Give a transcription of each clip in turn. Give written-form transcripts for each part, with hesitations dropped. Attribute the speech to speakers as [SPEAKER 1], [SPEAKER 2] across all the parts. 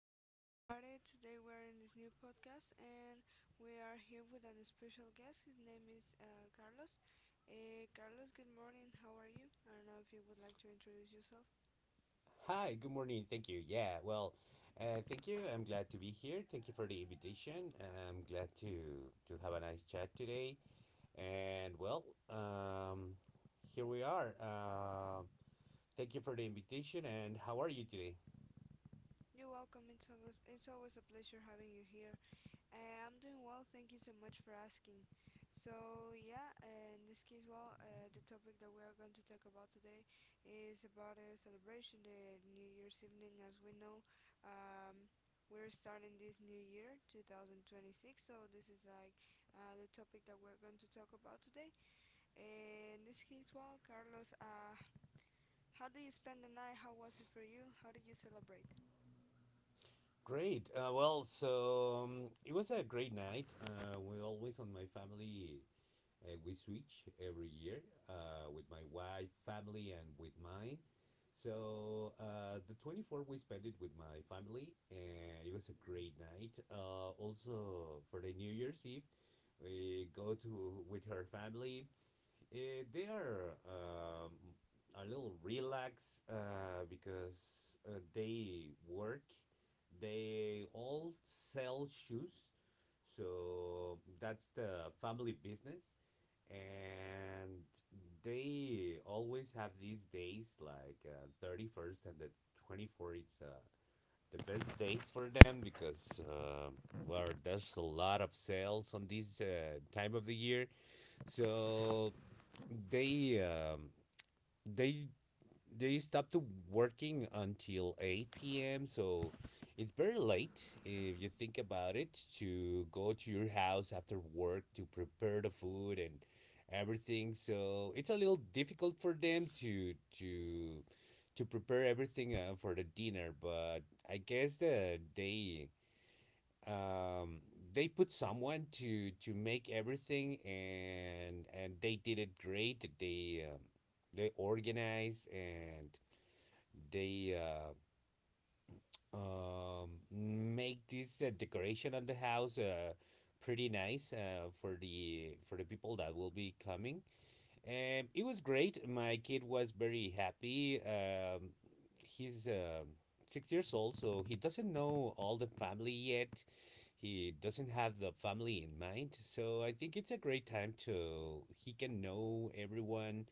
[SPEAKER 1] morning, everybody. Today we're in this new podcast, and we are here with an special guest. His name is Carlos. Carlos, good morning. How are you? I don't know if you would like to introduce yourself.
[SPEAKER 2] Hi, good morning. Thank you. Yeah, well, thank you. I'm glad to be here. Thank you for the invitation. I'm glad to have a nice chat today. And well, um, here we are. Thank you for the invitation. And how are you today?
[SPEAKER 1] You're welcome. It's always a pleasure having you here. I'm doing well, thank you so much for asking. So, yeah, in this case, well, the topic that we are going to talk about today is about a celebration, the New Year's evening. As we know, um, we're starting this new year, 2026, so this is like the topic that we're going to talk about today. In this case, well, Carlos, how did you spend the night? How was it for you? How did you celebrate?
[SPEAKER 2] Great. Well, so it was a great night. We always on my family. We switch every year with my wife, family, and with mine. So the 24th we spent it with my family, and it was a great night. Also for the New Year's Eve, we go to with her family. They are a little relaxed because they work. They all sell shoes, so that's the family business, and they always have these days like 31st and the 24th. It's the best days for them because well, there's a lot of sales on this time of the year. So they um, they they stopped working until 8 p.m. So it's very late if you think about it to go to your house after work to prepare the food and everything. So it's a little difficult for them to prepare everything for the dinner. But I guess that um they put someone to make everything, and they did it great. They organize, and they make this decoration on the house, pretty nice, for the people that will be coming. It was great. My kid was very happy. He's 6 years old, so he doesn't know all the family yet. He doesn't have the family in mind. So I think it's a great time to he can know everyone.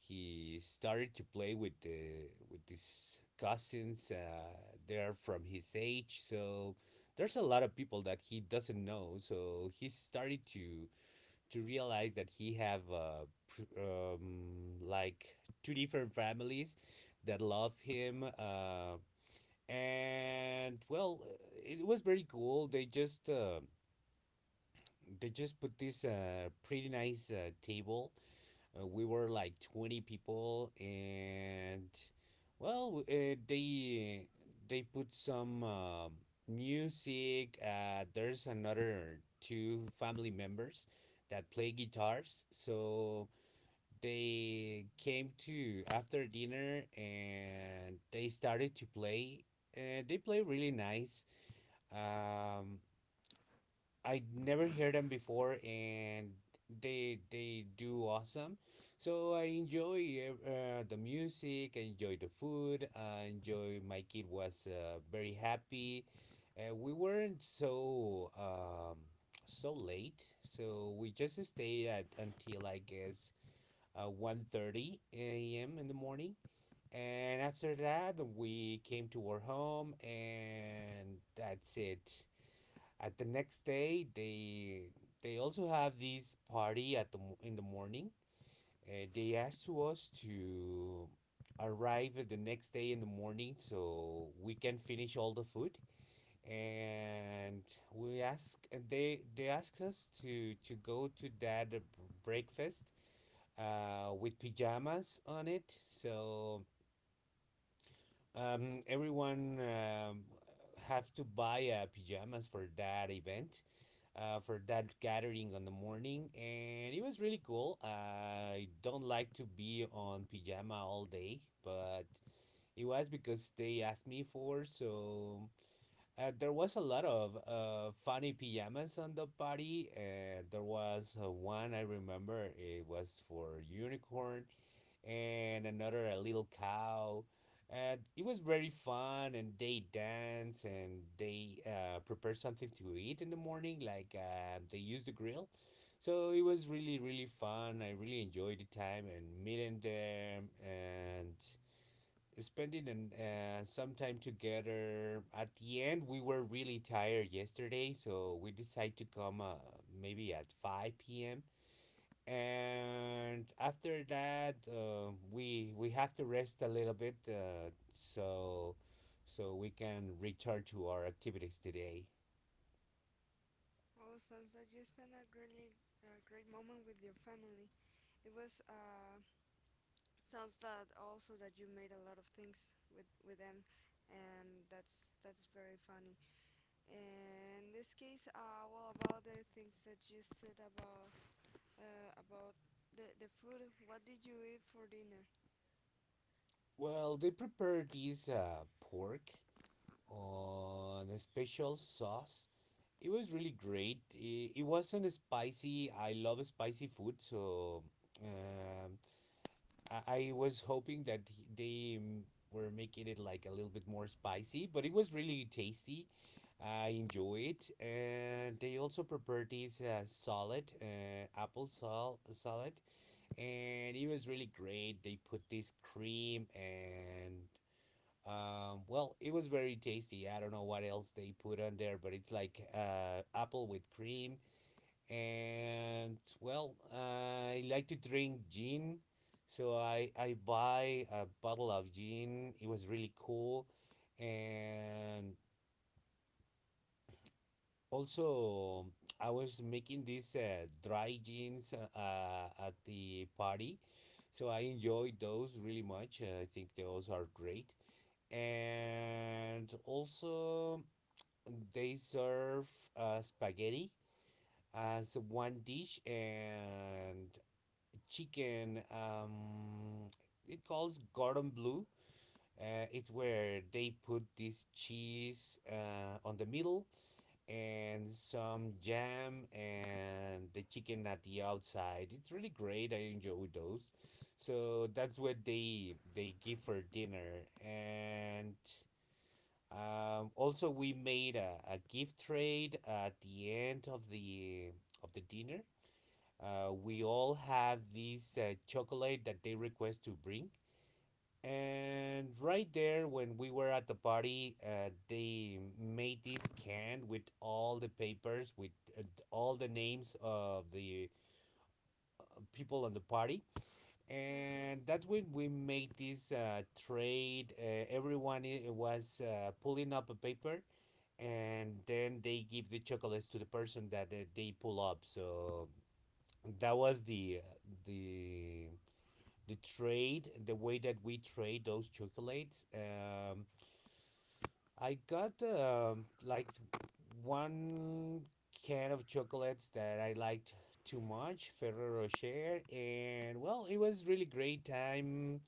[SPEAKER 2] He started to play with the with his cousins. They're from his age, so there's a lot of people that he doesn't know. So he started to realize that he have like two different families that love him, and well, it was very cool. They just put this pretty nice table. We were like 20 people, and well, they put some music. There's another two family members that play guitars, so they came to after dinner and they started to play. And they play really nice. Um, I never heard them before, and they do awesome. So I enjoy the music, I enjoy the food, I enjoy, my kid was very happy. We weren't so late, so we just stayed at until I guess 1:30 a.m. in the morning. And after that, we came to our home, and that's it. At the next day, they also have this party in the morning. They asked to us to arrive at the next day in the morning so we can finish all the food, and we ask, and they asked us to go to that breakfast with pajamas on it. So everyone have to buy pajamas for that event, for that gathering on the morning. And it was really cool. I don't like to be on pajama all day, but it was because they asked me for. So there was a lot of funny pajamas on the party, and there was one I remember, it was for unicorn and another a little cow. And it was very fun, and they dance, and they prepare something to eat in the morning, like they use the grill. So it was really, really fun. I really enjoyed the time and meeting them and spending some time together. At the end, we were really tired yesterday, so we decided to come, maybe at 5 p.m. And after that, we have to rest a little bit, so we can return to our activities today.
[SPEAKER 1] Oh, sounds like you spent a really great moment with your family. It was sounds that also that you made a lot of things with them, and that's very funny. And in this case, well, about the things that you said about the food. What did you eat for dinner?
[SPEAKER 2] Well, they prepared this pork on a special sauce. It was really great. It wasn't spicy. I love spicy food, so um, I was hoping that they were making it like a little bit more spicy, but it was really tasty. I enjoy it, and they also prepared this salad, apple salad, and it was really great. They put this cream, and well, it was very tasty. I don't know what else they put on there, but it's like apple with cream. And well, I like to drink gin, so I buy a bottle of gin. It was really cool. And also I was making these dry gins at the party, so I enjoyed those really much. I think those are great. And also they serve spaghetti as one dish, and chicken it calls cordon bleu. It's where they put this cheese on the middle, and some jam, and the chicken at the outside. It's really great. I enjoy those. So that's what they give for dinner. And also, we made a gift trade at the end of the dinner. We all have this chocolate that they request to bring. And right there, when we were at the party, they made this can with all the papers, with uh, all the names of the people on the party.
[SPEAKER 1] Okay.
[SPEAKER 2] And that's when we made this trade. Everyone, was, pulling up a paper, and then they give the chocolates to the person that they pull up. So that was the the trade, the way that we trade those chocolates. I got, like, one can of chocolates that I liked too much, Ferrero Rocher, and well, it was really great time.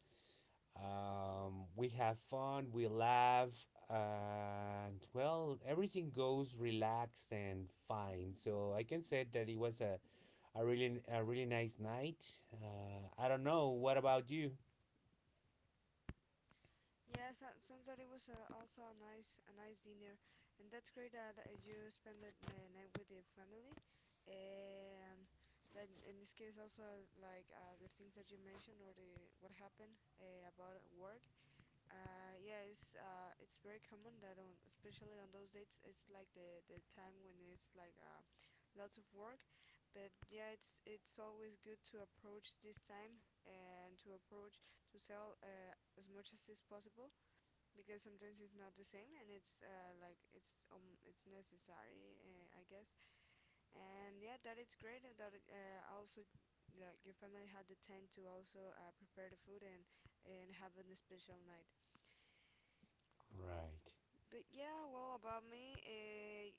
[SPEAKER 2] We have fun, we laugh, and well, everything goes relaxed and fine. So I can say that it was a really nice night. I don't know. What about you?
[SPEAKER 1] Yes, so, sounds that it was also a nice dinner, and that's great that you spend the night with your family, and then in this case also like the things that you mentioned or the what happened about work. Yeah, it's very common that on especially on those dates it's like the time when it's like lots of work, but yeah, it's always good to approach this time and to approach to sell as much as is possible because sometimes it's not the same and it's like it's necessary I guess and yeah that it's great that also like your family had the time to also prepare the food and have a special night
[SPEAKER 2] Right.
[SPEAKER 1] but yeah well about me,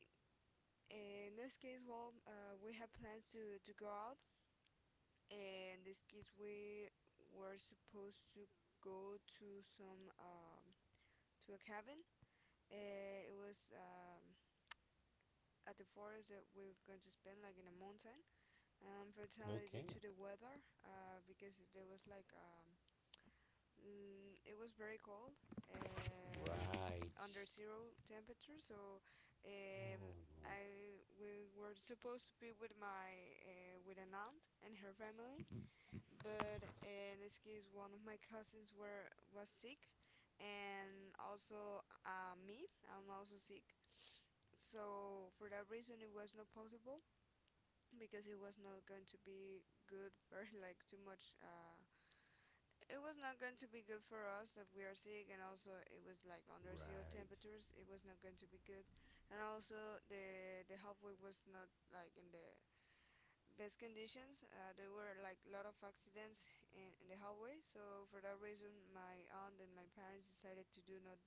[SPEAKER 1] in this case well we had plans to go out and this case we were supposed to go to some to a cabin, it was at the forest that we're going to spend like in a mountain. Fortunately, due
[SPEAKER 2] Okay.
[SPEAKER 1] to the weather, because there was like it was very cold, um,
[SPEAKER 2] Right.
[SPEAKER 1] under zero temperature. So, um,
[SPEAKER 2] Oh no.
[SPEAKER 1] I we were supposed to be with my with an aunt and her family, but in this case, one of my cousins were was sick, and also me. I'm also sick. So for that reason, it was not possible because it was not going to be good or like too much it was not going to be good for us if we are sick, and also it was like under zero
[SPEAKER 2] Right.
[SPEAKER 1] temperatures. It was not going to be good, and also the halfway was not like in the best conditions. There were like a lot of accidents in the hallway, so for that reason my aunt and my parents decided to do not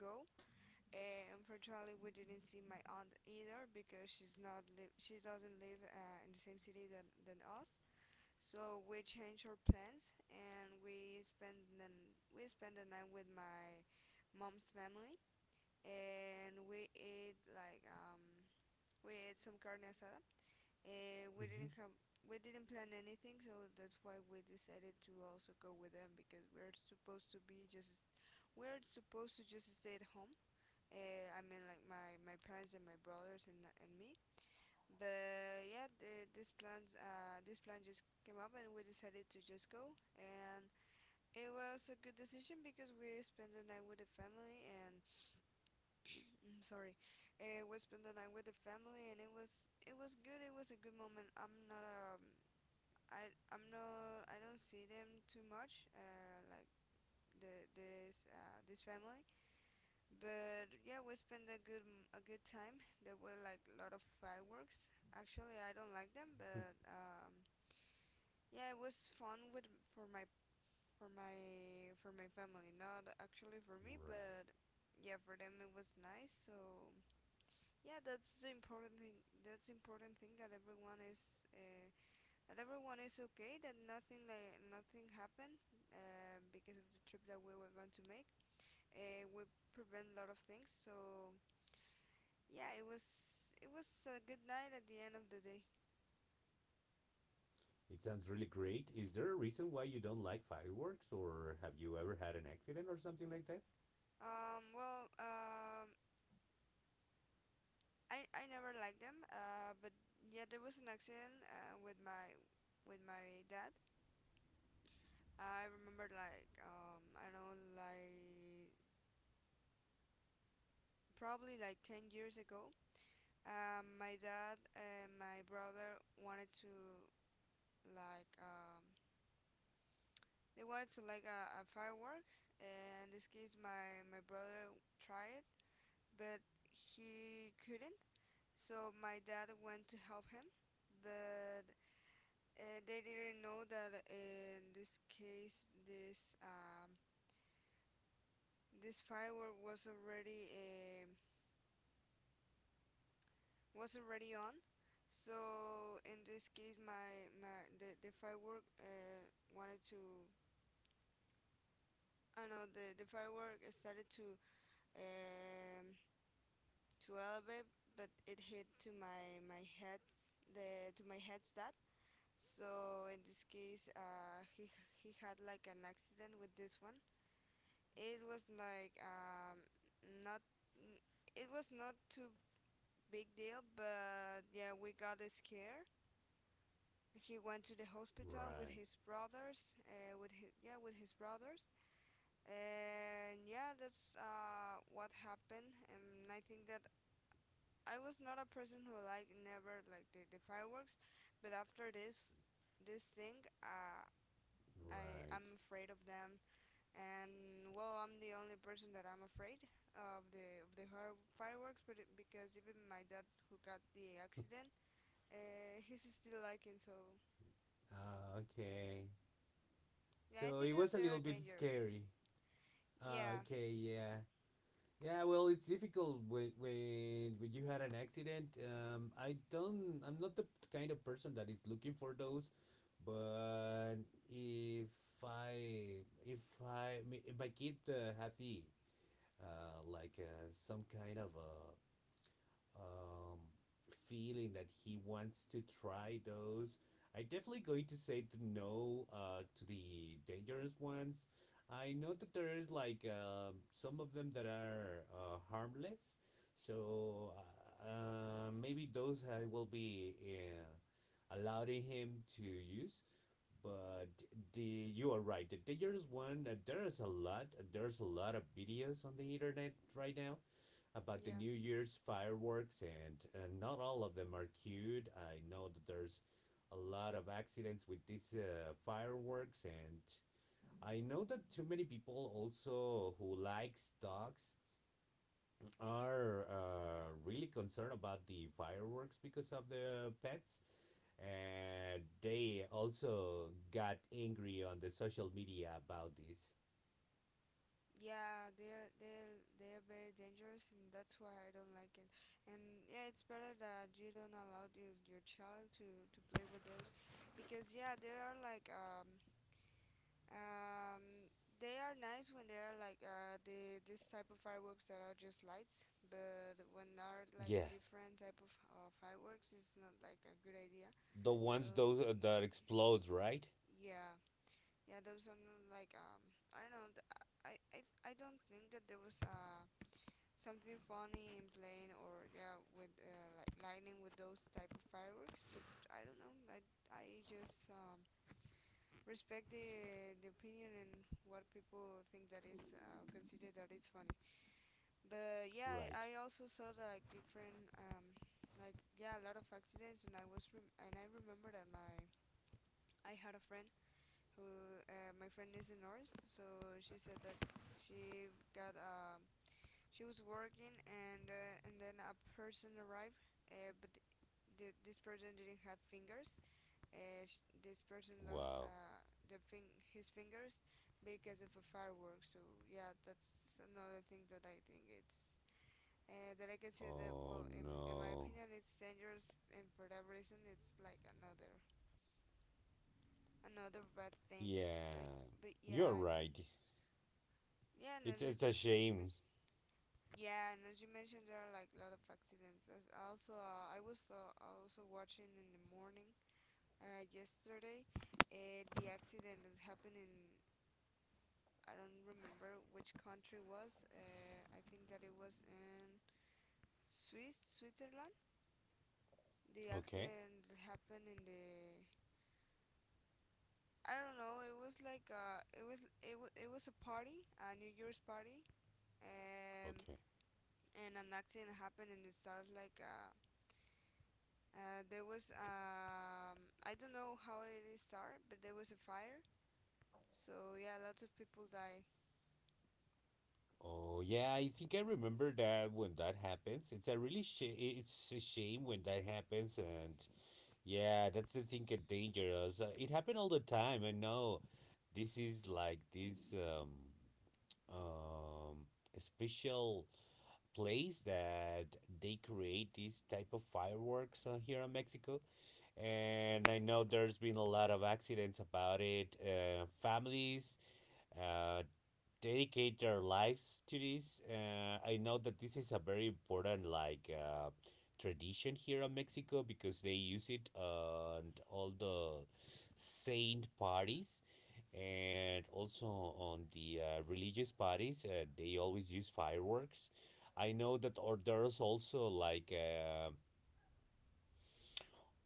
[SPEAKER 1] go. Unfortunately we didn't see my aunt either because she doesn't live in the same city than us, so we changed our plans, and we spent the night with my mom's family, and we ate like we ate some carne asada. We
[SPEAKER 2] Hmm.
[SPEAKER 1] didn't have we didn't plan anything, so that's why we decided to also go with them because we're supposed to just stay at home. I mean like my parents and my brothers and me. But yeah, this plans this plan just came up, and we decided to just go. And it was a good decision because we spent the night with the family, and I'm sorry, we spent the night with the family, and it was good. It was a good moment. I I'm not I don't see them too much. Like the this this family, but yeah, we spent a good time. There were like a lot of fireworks. Actually, I don't like them, but yeah, it was fun with for my for my for my family, not actually for me,
[SPEAKER 2] Right.
[SPEAKER 1] but yeah, for them it was nice. So yeah, that's the important thing. That's important thing that everyone is okay. That nothing like nothing happened because of the trip that we were going to make. We prevent a lot of things. So yeah, it was a good night at the end of the day.
[SPEAKER 2] It sounds really great. Is there a reason why you don't like fireworks, or have you ever had an accident or something like that?
[SPEAKER 1] Well, I never liked them, but yeah, there was an accident with my dad. I remember like I don't know like probably like 10 years ago. My dad and my brother wanted to like um they wanted to like a firework, and in this case my brother tried, but he couldn't. So my dad went to help him, but they didn't know that in this case this firework was already on, so in this case the firework wanted to I don't know, the firework started um, to elevate, but it hit to my my head the to my head stat so in this case he had like an accident with this one. It was like not n- it was not too big deal, but yeah, we got a scare. He went to the hospital with
[SPEAKER 2] Right.
[SPEAKER 1] his brothers, with his yeah, with his brothers, and yeah, that's what happened. And I think that I was not a person who like never like the fireworks, but after this this thing,
[SPEAKER 2] Right.
[SPEAKER 1] I'm afraid of them, and well, I'm the only person that I'm afraid of fireworks, but it, because even my dad who got the accident, he's still liking, so
[SPEAKER 2] Okay.
[SPEAKER 1] yeah, I
[SPEAKER 2] So
[SPEAKER 1] think
[SPEAKER 2] it
[SPEAKER 1] that
[SPEAKER 2] was a little
[SPEAKER 1] they're
[SPEAKER 2] bit
[SPEAKER 1] dangerous.
[SPEAKER 2] scary.
[SPEAKER 1] Yeah.
[SPEAKER 2] Okay, yeah. Yeah, well, it's difficult when when you had an accident. I don't. I'm not the kind of person that is looking for those. But if I if I my kid have the, like, some kind of, um, feeling that he wants to try those. I am definitely going to say to no, to the dangerous ones. I know that there is like some of them that are harmless, so maybe those I will be allowing him to use. But the you are right. The dangerous one. There's a lot. There's a lot of videos on the internet right now about the
[SPEAKER 1] yeah
[SPEAKER 2] New Year's fireworks, and not all of them are cute. I know that there's a lot of accidents with these fireworks, and I know that too many people also who likes dogs are really concerned about the fireworks because of the pets, and they also got angry on the social media about this.
[SPEAKER 1] yeah they're they're very dangerous, and that's why I don't like it. And yeah, it's better that you don't allow your child to play with those because yeah, they are like Um, they are nice when they are like the this type of fireworks that are just lights, but when are like
[SPEAKER 2] Yeah.
[SPEAKER 1] different type of fireworks, it's not like a good idea.
[SPEAKER 2] The
[SPEAKER 1] So
[SPEAKER 2] ones those that explode, right?
[SPEAKER 1] yeah, yeah, there was some like um, I don't know. I I I don't think that there was something funny in playing or yeah with like lightning with those type of fireworks, but I don't know. I just respect the opinion and what people think that is consider that is funny. But yeah,
[SPEAKER 2] Right.
[SPEAKER 1] I also saw like different like yeah a lot of accidents, and and I remember that my I had a friend who my friend is a nurse, so she said that she got um she was working and then a person arrived, but this person didn't have fingers. This person lost
[SPEAKER 2] Wow.
[SPEAKER 1] the fing his fingers because of a firework. So yeah, that's another thing that I think it's that I consider that,
[SPEAKER 2] Oh
[SPEAKER 1] well, in my
[SPEAKER 2] no.
[SPEAKER 1] opinion, it's dangerous, and for that reason, it's like another another bad thing. But
[SPEAKER 2] Yeah.
[SPEAKER 1] but
[SPEAKER 2] You're
[SPEAKER 1] yeah, and
[SPEAKER 2] right.
[SPEAKER 1] yeah, and
[SPEAKER 2] It's it's a
[SPEAKER 1] as you
[SPEAKER 2] shame.
[SPEAKER 1] mentioned. Yeah, and as you mentioned, there are like a lot of accidents. As also, I was also watching in the morning yesterday the accident that happened in I don't remember which country was. I think that it was in Swiss, Switzerland. The
[SPEAKER 2] Okay.
[SPEAKER 1] accident happened in the I don't know. It was like a. It was a party, a New Year's party, um,
[SPEAKER 2] Okay.
[SPEAKER 1] and an accident happened, and it started like there was I don't know how it started, but there was a fire. So yeah, lots of people died.
[SPEAKER 2] Oh yeah, I think I remember that when that happens. It's a shame when that happens. And yeah, that's the thing that dangerous. It happened all the time. I know. This is like this um special place that they create this type of fireworks here in Mexico. And I know there's been a lot of accidents about it. Families uh, dedicate their lives to this. I know that this is a very important, like, tradition here in Mexico, because they use it on all the saint parties, and also on the religious parties. They always use fireworks. I know that, or there's also like,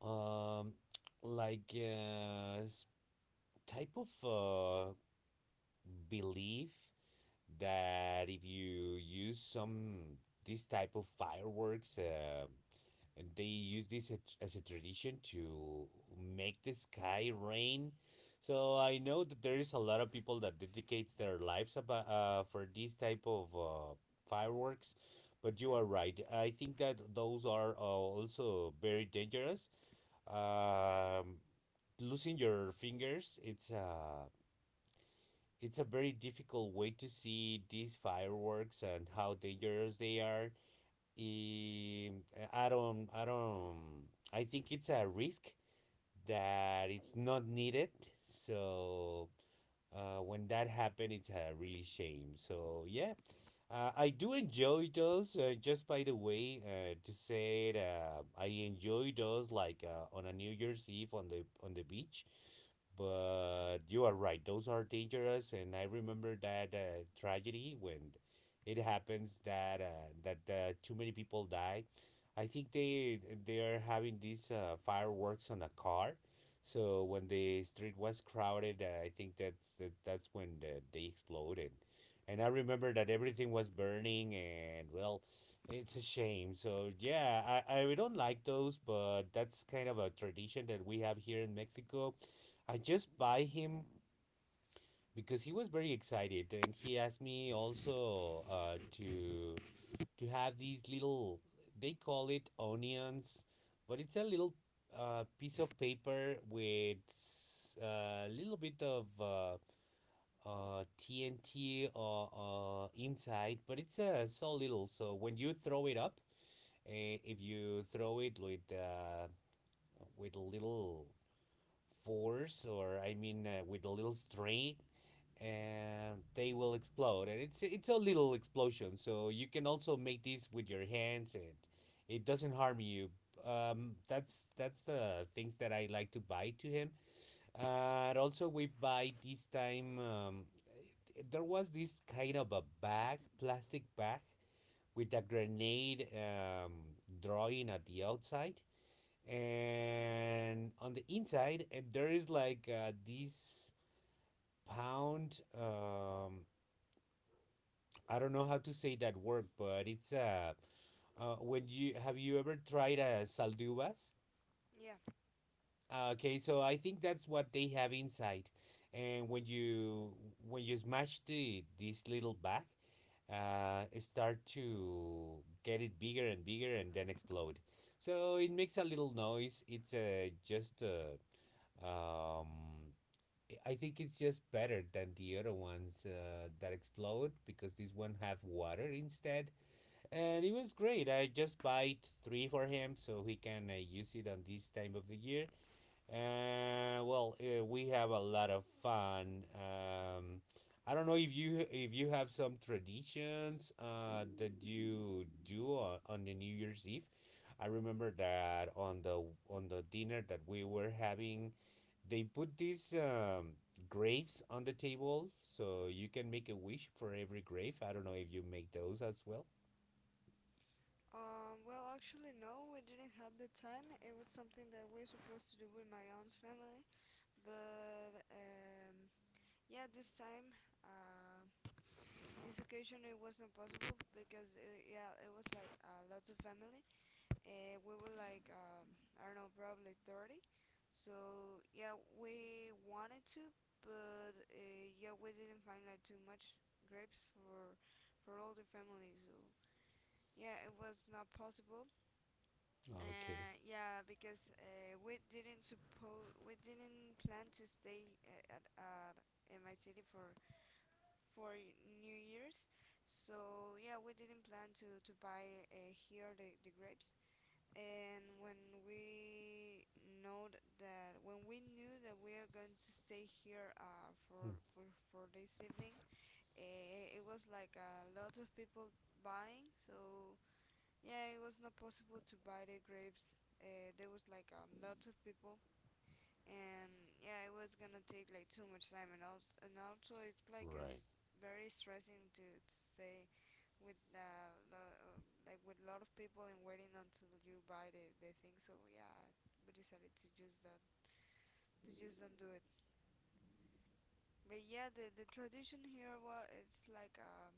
[SPEAKER 2] um like, type of, belief, that if you use some this type of fireworks, and they use this as a tradition to make the sky rain. So I know that there is a lot of people that dedicates their lives about, for this type of fireworks. But you are right. I think that those are also very dangerous. um, Losing your fingers, it's a very difficult way to see these fireworks and how dangerous they are. Um, I don't. I don't. I think it's a risk that it's not needed. So when that happened, it's a really shame. So yeah, I do enjoy those. Just by the way, to say it, I enjoy those like on a New Year's Eve on the beach, but you are right; those are dangerous, and I remember that tragedy when it happens that too many people die. I think they are having these fireworks on a car, so when the street was crowded, I think that's when they exploded, and I remember that everything was burning, and well, it's a shame. So yeah, I don't like those, but that's kind of a tradition that we have here in Mexico. I just buy him because he was very excited and he asked me also to have these little, they call it onions, but it's a little piece of paper with a little bit of TNT inside, but it's so little. So when you throw it up, uh, if you throw it with a little force, or I mean with a little strength, and they will explode, and it's a little explosion, so you can also make this with your hands and it doesn't harm you. That's the things that I like to buy to him. Uh, and also we buy this time. There was this kind of a bag, plastic bag, with a grenade, drawing at the outside, and on the inside, and there is like this pound, I don't know how to say that word, but it's when you have you ever tried saldubas?
[SPEAKER 1] Yeah.
[SPEAKER 2] Okay, so I think that's what they have inside, and when you, when you smash the this little bag, it start to get it bigger and bigger and then explode. So it makes a little noise. It's uh, just uh, um, I I think it's just better than the other ones that explode because this one have water instead, and it was great. I just bought three for him so he can use it on this time of the year. Well, we have a lot of fun. I don't know if you have some traditions that you do on the New Year's Eve. I remember that on the dinner that we were having, they put these graves on the table so you can make a wish for every grave. I don't know if you make those as well.
[SPEAKER 1] Well, actually, no, we didn't have the time. It was something that we are supposed to do with my aunt's family. But, yeah, this time, uh, this occasion it was not possible because, yeah, it was like lots of family. We were like, I don't know, probably 30. So, yeah, we wanted to, but, yeah, we didn't find like too much grapes for all the family. So, yeah, it was not possible.
[SPEAKER 2] Okay.
[SPEAKER 1] Yeah, because we didn't plan to stay at in my city for New Year's, so yeah, we didn't plan to buy here the grapes. And when we know that when we knew that we are going to stay here, for this evening, it was like a lot of people buying, so yeah, it was not possible to buy the grapes. There was like a, lot of people, and yeah, it was gonna take like too much time, and also, it's like
[SPEAKER 2] Right.
[SPEAKER 1] it's very stressing to, stay with, like with a lot of people and waiting until you buy the thing. So yeah, we decided to just don't do it. But yeah, the tradition here was it's like,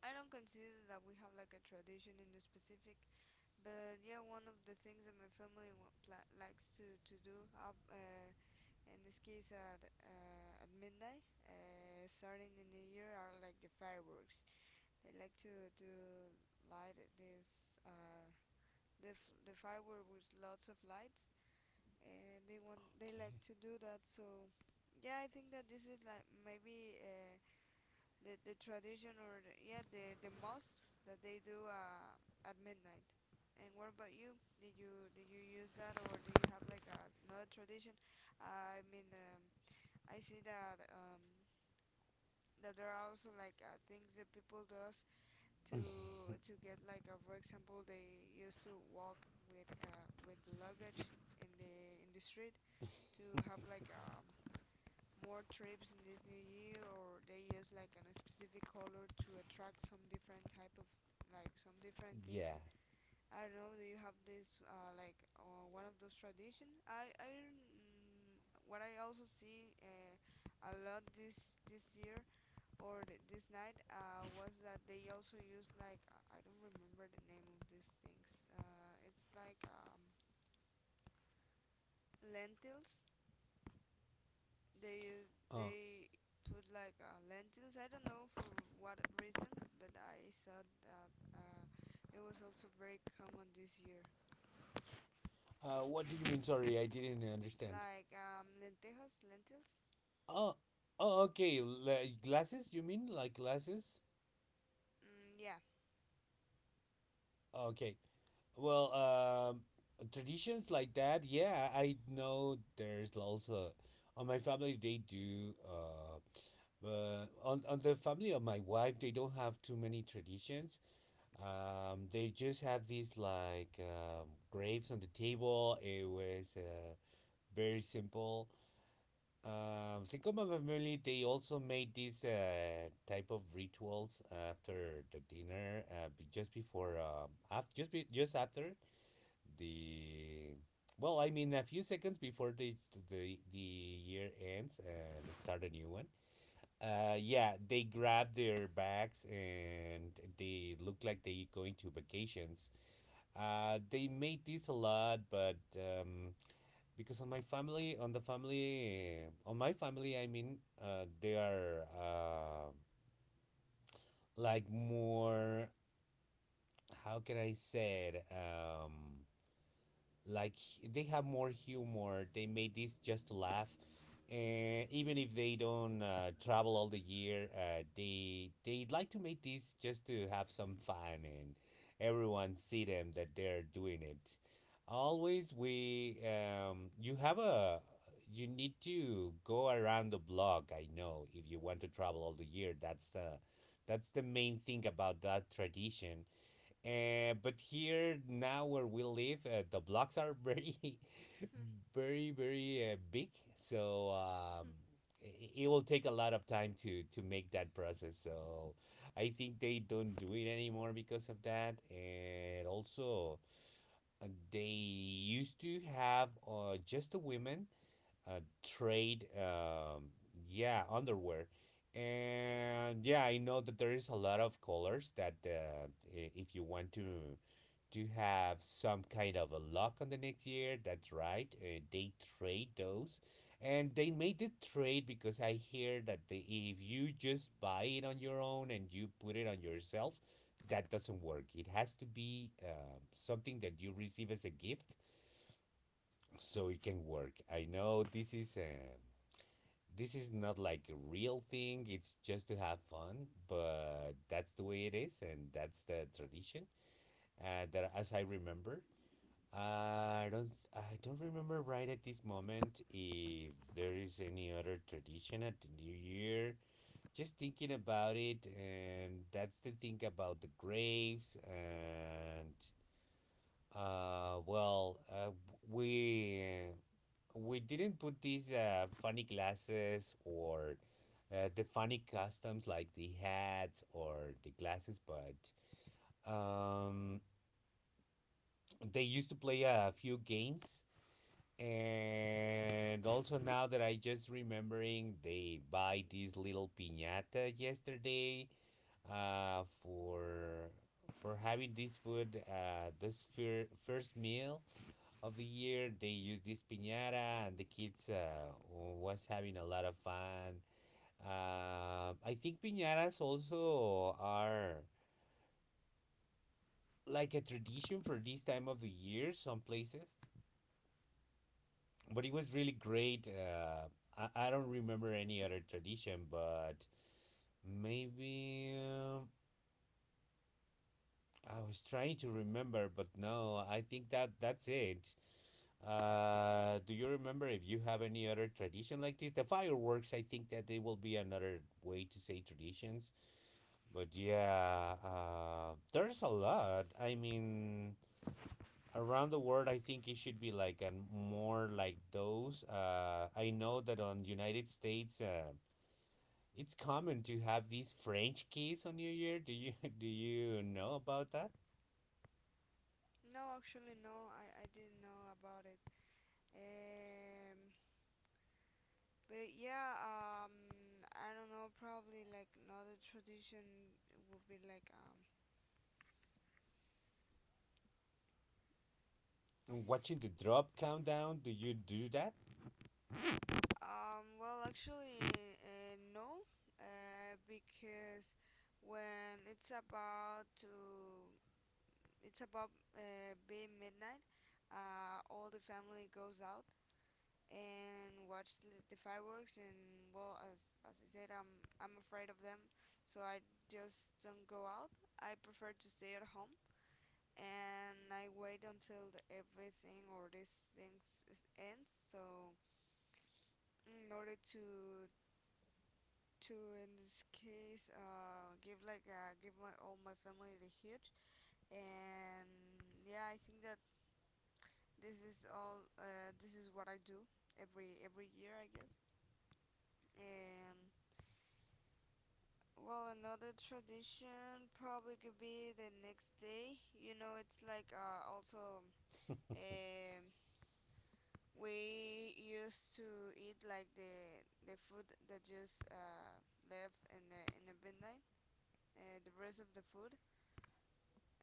[SPEAKER 1] I don't consider that we have like a tradition in a specific. But yeah, one of the things that my family, wa- pla likes to do of, in this case at, midnight, starting the new year are like the fireworks. They like to light it this, the firework with lots of lights, and they like to do that. So yeah, I think that this is like maybe, the tradition or the mosque that they do, at midnight. And what about you? Did you use that, or do you have like another tradition? I mean, I see that there are also like, things that people does
[SPEAKER 2] Okay.
[SPEAKER 1] to get like, for example, they used to walk with, luggage in the street, to have like, more trips in this new year, or they use like a specific color to attract some different type of, like, some different
[SPEAKER 2] Yeah.
[SPEAKER 1] things. I don't know, do you have this, like, one of those tradition? I mm, what I also see, a lot, this year, or, this night, was that they also used like, I don't remember the name of these things, it's like, lentils.
[SPEAKER 2] Uh,
[SPEAKER 1] They put like, lentils. I don't know for what reason, but I saw that, it was also very common this year.
[SPEAKER 2] what do you mean? Sorry, I didn't understand.
[SPEAKER 1] Like, lentejas, lentils.
[SPEAKER 2] Oh, oh, okay. L- glasses? You mean like glasses?
[SPEAKER 1] Mm, yeah.
[SPEAKER 2] Okay. Well, traditions like that. Yeah, I know there's also on my family they do. But on the family of my wife, they don't have too many traditions. They just have these like grapes on the table. It was very simple. Cinco de Mayo, they also made these type of rituals after the dinner, just before, after, just after the, well, I mean, a few seconds before the year ends and start a new one. Yeah, they grab their bags and they look like they going to vacations. They made this a lot, but because on my family, on my family, I mean, they are like more. How can I say it? Like they have more humor. They made this just to laugh, and even if they don't travel all the year, they like to make this just to have some fun, and everyone see them that they're doing it. Always we you have a, you need to go around the block. I know if you want to travel all the year, that's the main thing about that tradition. Uh, but here now where we live, the blocks are very, very, very big. So I- it will take a lot of time to make that process. So I think they don't do it anymore because of that. And also, they used to have just the women trade, yeah, underwear. And yeah, I know that there is a lot of colors that if you want to have some kind of a luck on the next year. That's right. They trade those, and they made the trade because I hear that they, if you just buy it on your own and you put it on yourself, that doesn't work. It has to be something that you receive as a gift, so it can work. I know this is not like a real thing, it's just to have fun, but that's the way it is, and that's the tradition that as I remember. I don't remember right at this moment if there is any other tradition at the new year. Just thinking about it, and that's the thing about the graves. And uh well uh, we we didn't put these funny glasses or the funny customs like the hats or the glasses, but um, they used to play a few games. And also now that I just remembering, they buy this little piñata yesterday uh, for for having this food, first meal of the year. They use this piñata and the kids was having a lot of fun. I think piñatas also are like a tradition for this time of the year some places, but it was really great. I don't remember any other tradition, but maybe I was trying to remember, but no, I think that that's it. Do you remember if you have any other tradition like this? The fireworks, I think that they will be another way to say traditions. But yeah, there's a lot. I mean, around the world, I think it should be like a more like those. I know that on United States, it's common to have these french keys on new year. Do you do you know about that?
[SPEAKER 1] No, actually, no. I didn't know about it. Um, but yeah. I don't know. Probably like another tradition would be like,
[SPEAKER 2] And watching the drop countdown, do you do that?
[SPEAKER 1] Well, actually, no, because when it's about, being midnight, all the family goes out and watch the fireworks. And well, as I said, I'm afraid of them, so I just don't go out. I prefer to stay at home, and I wait until the everything or these things, ends. So, in order to in this case, give my all my family the huge. And yeah, I think that this is what I do every year, I guess. And, well, another tradition probably could be the next day, it's like, also, um we used to eat like the food that just, left in the midnight, the rest of the food.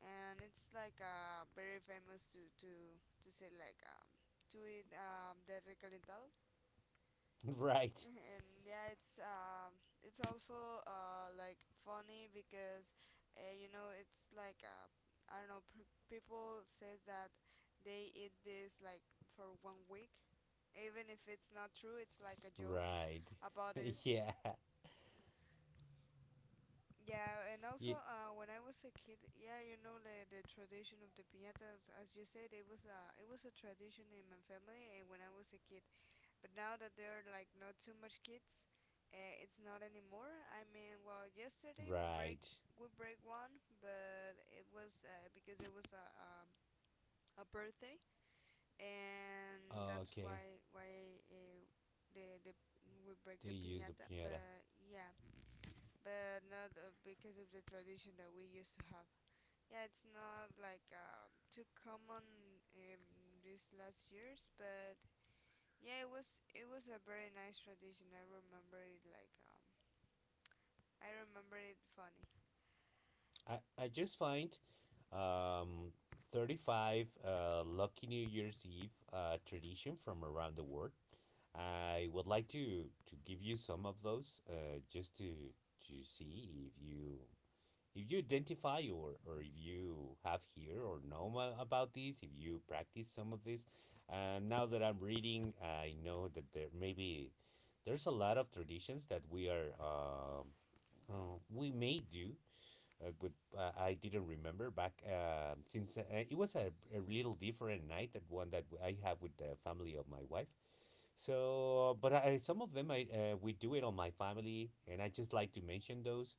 [SPEAKER 1] And it's like, very famous to say like, to eat, the recalentado.
[SPEAKER 2] Right.
[SPEAKER 1] And yeah, it's, also, like, funny because, it's like, I don't know, people says that they eat this like for one week, even if it's not true. It's like a joke
[SPEAKER 2] Right.
[SPEAKER 1] about this.
[SPEAKER 2] Yeah.
[SPEAKER 1] Yeah, and
[SPEAKER 2] Yeah.
[SPEAKER 1] also, when I was a kid, yeah, you know the tradition of the piñatas, as you said, it was a tradition in my family, and when I was a kid. But now that there are like not too much kids, it's not anymore. I mean, well, yesterday we break
[SPEAKER 2] Right.
[SPEAKER 1] one, but it was, because it was a birthday, and that's
[SPEAKER 2] Okay.
[SPEAKER 1] why the we break
[SPEAKER 2] They
[SPEAKER 1] the
[SPEAKER 2] use the
[SPEAKER 1] piñata.
[SPEAKER 2] piñata.
[SPEAKER 1] But yeah, but not, because of the tradition that we used to have. Yeah, it's not like, too common in these last years, but yeah, it was a very nice tradition. I remember it funny.
[SPEAKER 2] I i just find, um 35 lucky New Year's Eve tradition from around the world. I would like to give you some of those just to see if you, if you identify, or if you have here or know about these, if you practice some of this. Now that I'm reading, I know that there maybe there's a lot of traditions that we are we may do, but I didn't remember back since it was a little different night that one that I have with the family of my wife. So, but I, some of them I we do it on my family, and I just like to mention those.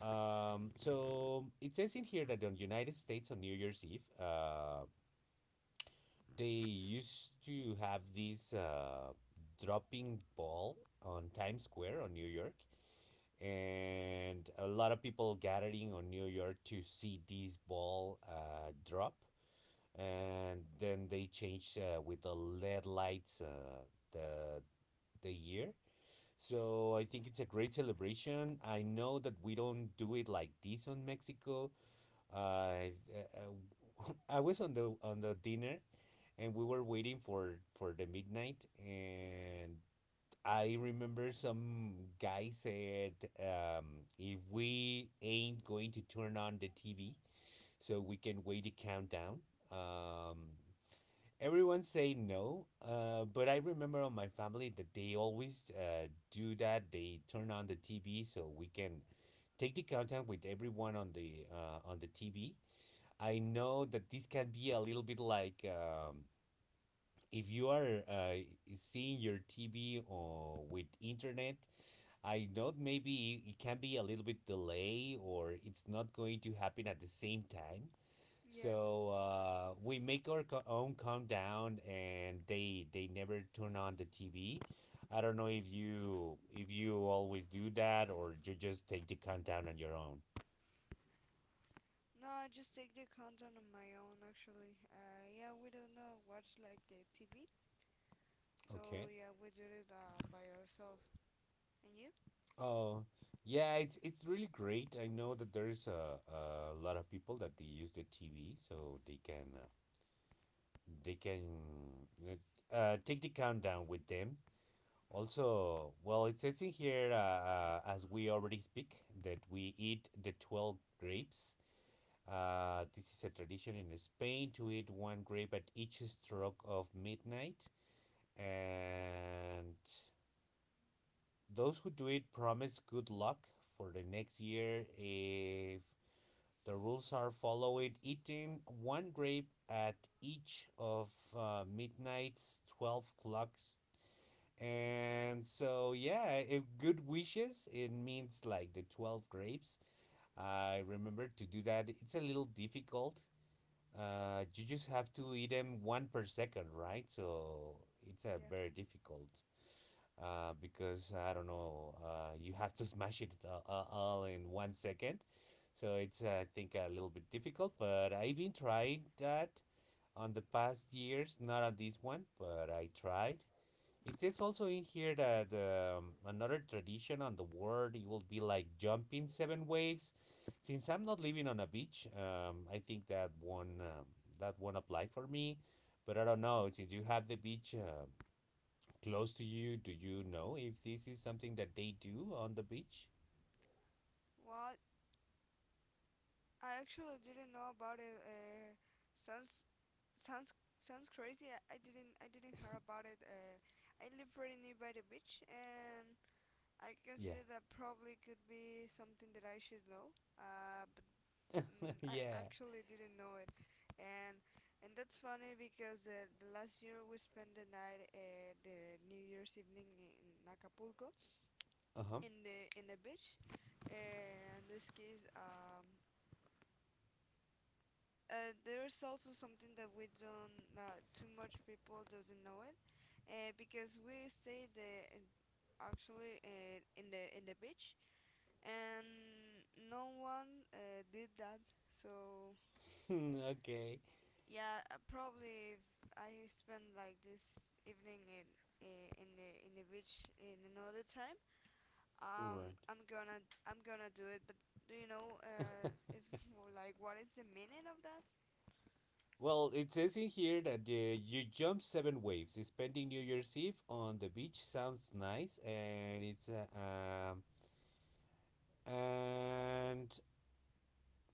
[SPEAKER 2] So it says in here that on United States on New Year's Eve, they used to have this dropping ball on Times Square on New York, and a lot of people gathering on New York to see this ball drop, and then they changed with the LED lights, the the year. So I think it's a great celebration. I know that we don't do it like this on Mexico. Uh, I was on the dinner, and we were waiting for the midnight, and I remember some guy said, if we ain't going to turn on the TV so we can wait the countdown. um everyone say no, but I remember on my family that they always do that, they turn on the TV so we can take the contact with everyone on the TV. I know that this can be a little bit like, if you are seeing your TV or with internet, I know maybe it can be a little bit delay or it's not going to happen at the same time.
[SPEAKER 1] Yeah.
[SPEAKER 2] So we make our co- own countdown, and they never turn on the TV. I don't know if you always do that or you just take the countdown on your own.
[SPEAKER 1] No, I just take the content on my own, actually. Yeah, we don't know watch like the TV, so
[SPEAKER 2] Okay.
[SPEAKER 1] yeah, we do it, by ourselves. And you?
[SPEAKER 2] Oh, yeah. It's really great. I know that there's a lot of people that they use the TV, so they can they can take the countdown with them. Also, well, it says in here, as we already speak, that we eat the 12 grapes. This is a tradition in Spain to eat one grape at each stroke of midnight. And those who do it promise good luck for the next year if the rules are followed, eating one grape at each of midnight's 12 clocks. And so, yeah, if good wishes, it means like the 12 grapes. I remember to do that. It's a little difficult. You just have to eat them one per second, right? So it's a
[SPEAKER 1] Yeah.
[SPEAKER 2] very difficult because I don't know, you have to smash it all in 1 second. So it's I think a little bit difficult, but I've been trying that on the past years, not on this one, but I tried. It is also in here that another tradition on the world it will be like jumping seven waves. Since I'm not living on a beach, I think that one that won't apply for me. But I don't know. Since you have the beach close to you, do you know if this is something that they do on the beach?
[SPEAKER 1] Well, I actually didn't know about it. Sounds sounds Sounds crazy. I didn't hear about it. I live pretty near by the beach, and I
[SPEAKER 2] Yeah,
[SPEAKER 1] consider that probably could be something that I should know. But, I
[SPEAKER 2] yeah.
[SPEAKER 1] actually didn't know it, and and that's funny, because the last year we spent the night, the New Year's evening in Acapulco,
[SPEAKER 2] Uh huh.
[SPEAKER 1] in the beach. In this case, there's also something that we don't, too much people doesn't know it, because we stayed, actually in the beach, and no one, did that. So
[SPEAKER 2] okay.
[SPEAKER 1] yeah, probably if I spend like this evening in, in the beach in another time, um
[SPEAKER 2] Right.
[SPEAKER 1] I'm gonna do it. But do you know, if like, what is the meaning of that?
[SPEAKER 2] Well, it says in here that you jump seven waves. Spending New Year's Eve on the beach sounds nice, and it's and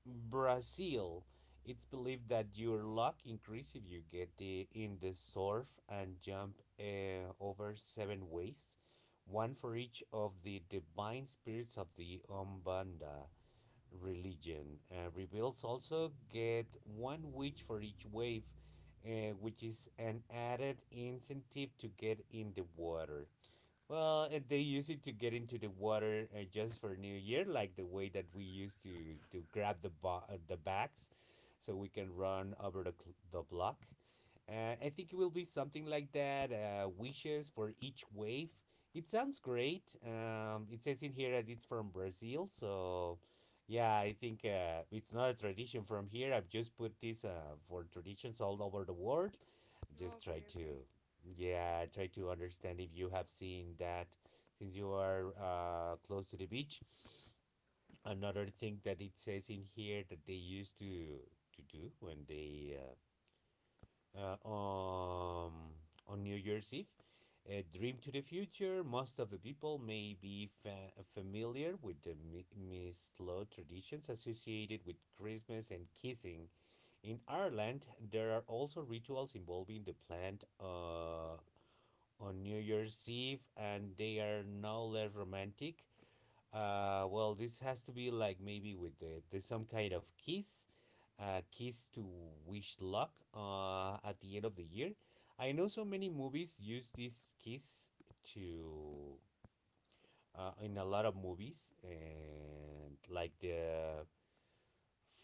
[SPEAKER 2] Brazil. It's believed that your luck increases if you get in the surf and jump over seven waves, one for each of the divine spirits of the Umbanda religion. Reveals also get one wish for each wave, which is an added incentive to get in the water. Well, and they use it to get into the water just for New Year, like the way that we used to to grab the bags, so we can run over the the block. I think it will be something like that. Wishes for each wave. It sounds great. It says in here that it's from Brazil, so yeah, I think it's not a tradition from here. I've just put this for traditions all over the world. Just try
[SPEAKER 1] Okay, okay.
[SPEAKER 2] to,
[SPEAKER 1] Oh,
[SPEAKER 2] yeah, try to understand if you have seen that since you are close to the beach. Another thing that it says in here that they used to do when they uh, on on New Year's Eve. A dream to the future. Most of the people may be familiar with the mistletoe traditions associated with Christmas and kissing. In Ireland, there are also rituals involving the plant on New Year's Eve, and they are no less romantic. Well, this has to be like maybe with there's some kind of kiss, kiss to wish luck at the end of the year. I know so many movies use this kiss to in a lot of movies and like the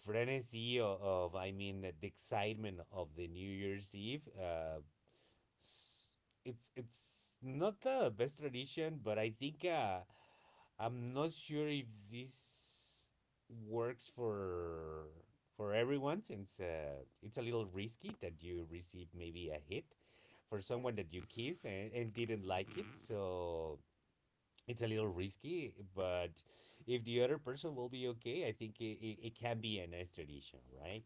[SPEAKER 2] frenzy of, I mean, the excitement of the New Year's Eve. S- it's not the best tradition, but I think I'm not sure if this works for everyone since it's a little risky that you receive maybe a hit for
[SPEAKER 1] yeah.
[SPEAKER 2] someone that you kiss and didn't like it. So it's a little risky, but if the other person will be okay, I think it can be a nice tradition, right?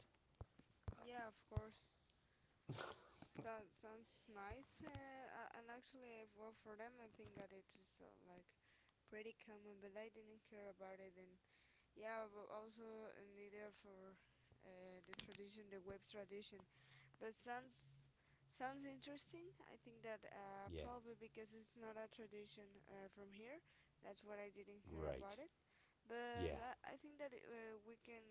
[SPEAKER 1] Yeah, of course. So, sounds nice. And, actually, well, for them, I think that it is, like, pretty common, but I didn't care about it. And yeah, but also, neither for, the tradition, the web tradition. But, sounds interesting. I think that,
[SPEAKER 2] Yeah,
[SPEAKER 1] probably because it's not a tradition, from here, that's what I didn't hear about
[SPEAKER 2] right.
[SPEAKER 1] it. But
[SPEAKER 2] Yeah,
[SPEAKER 1] I think that it, we can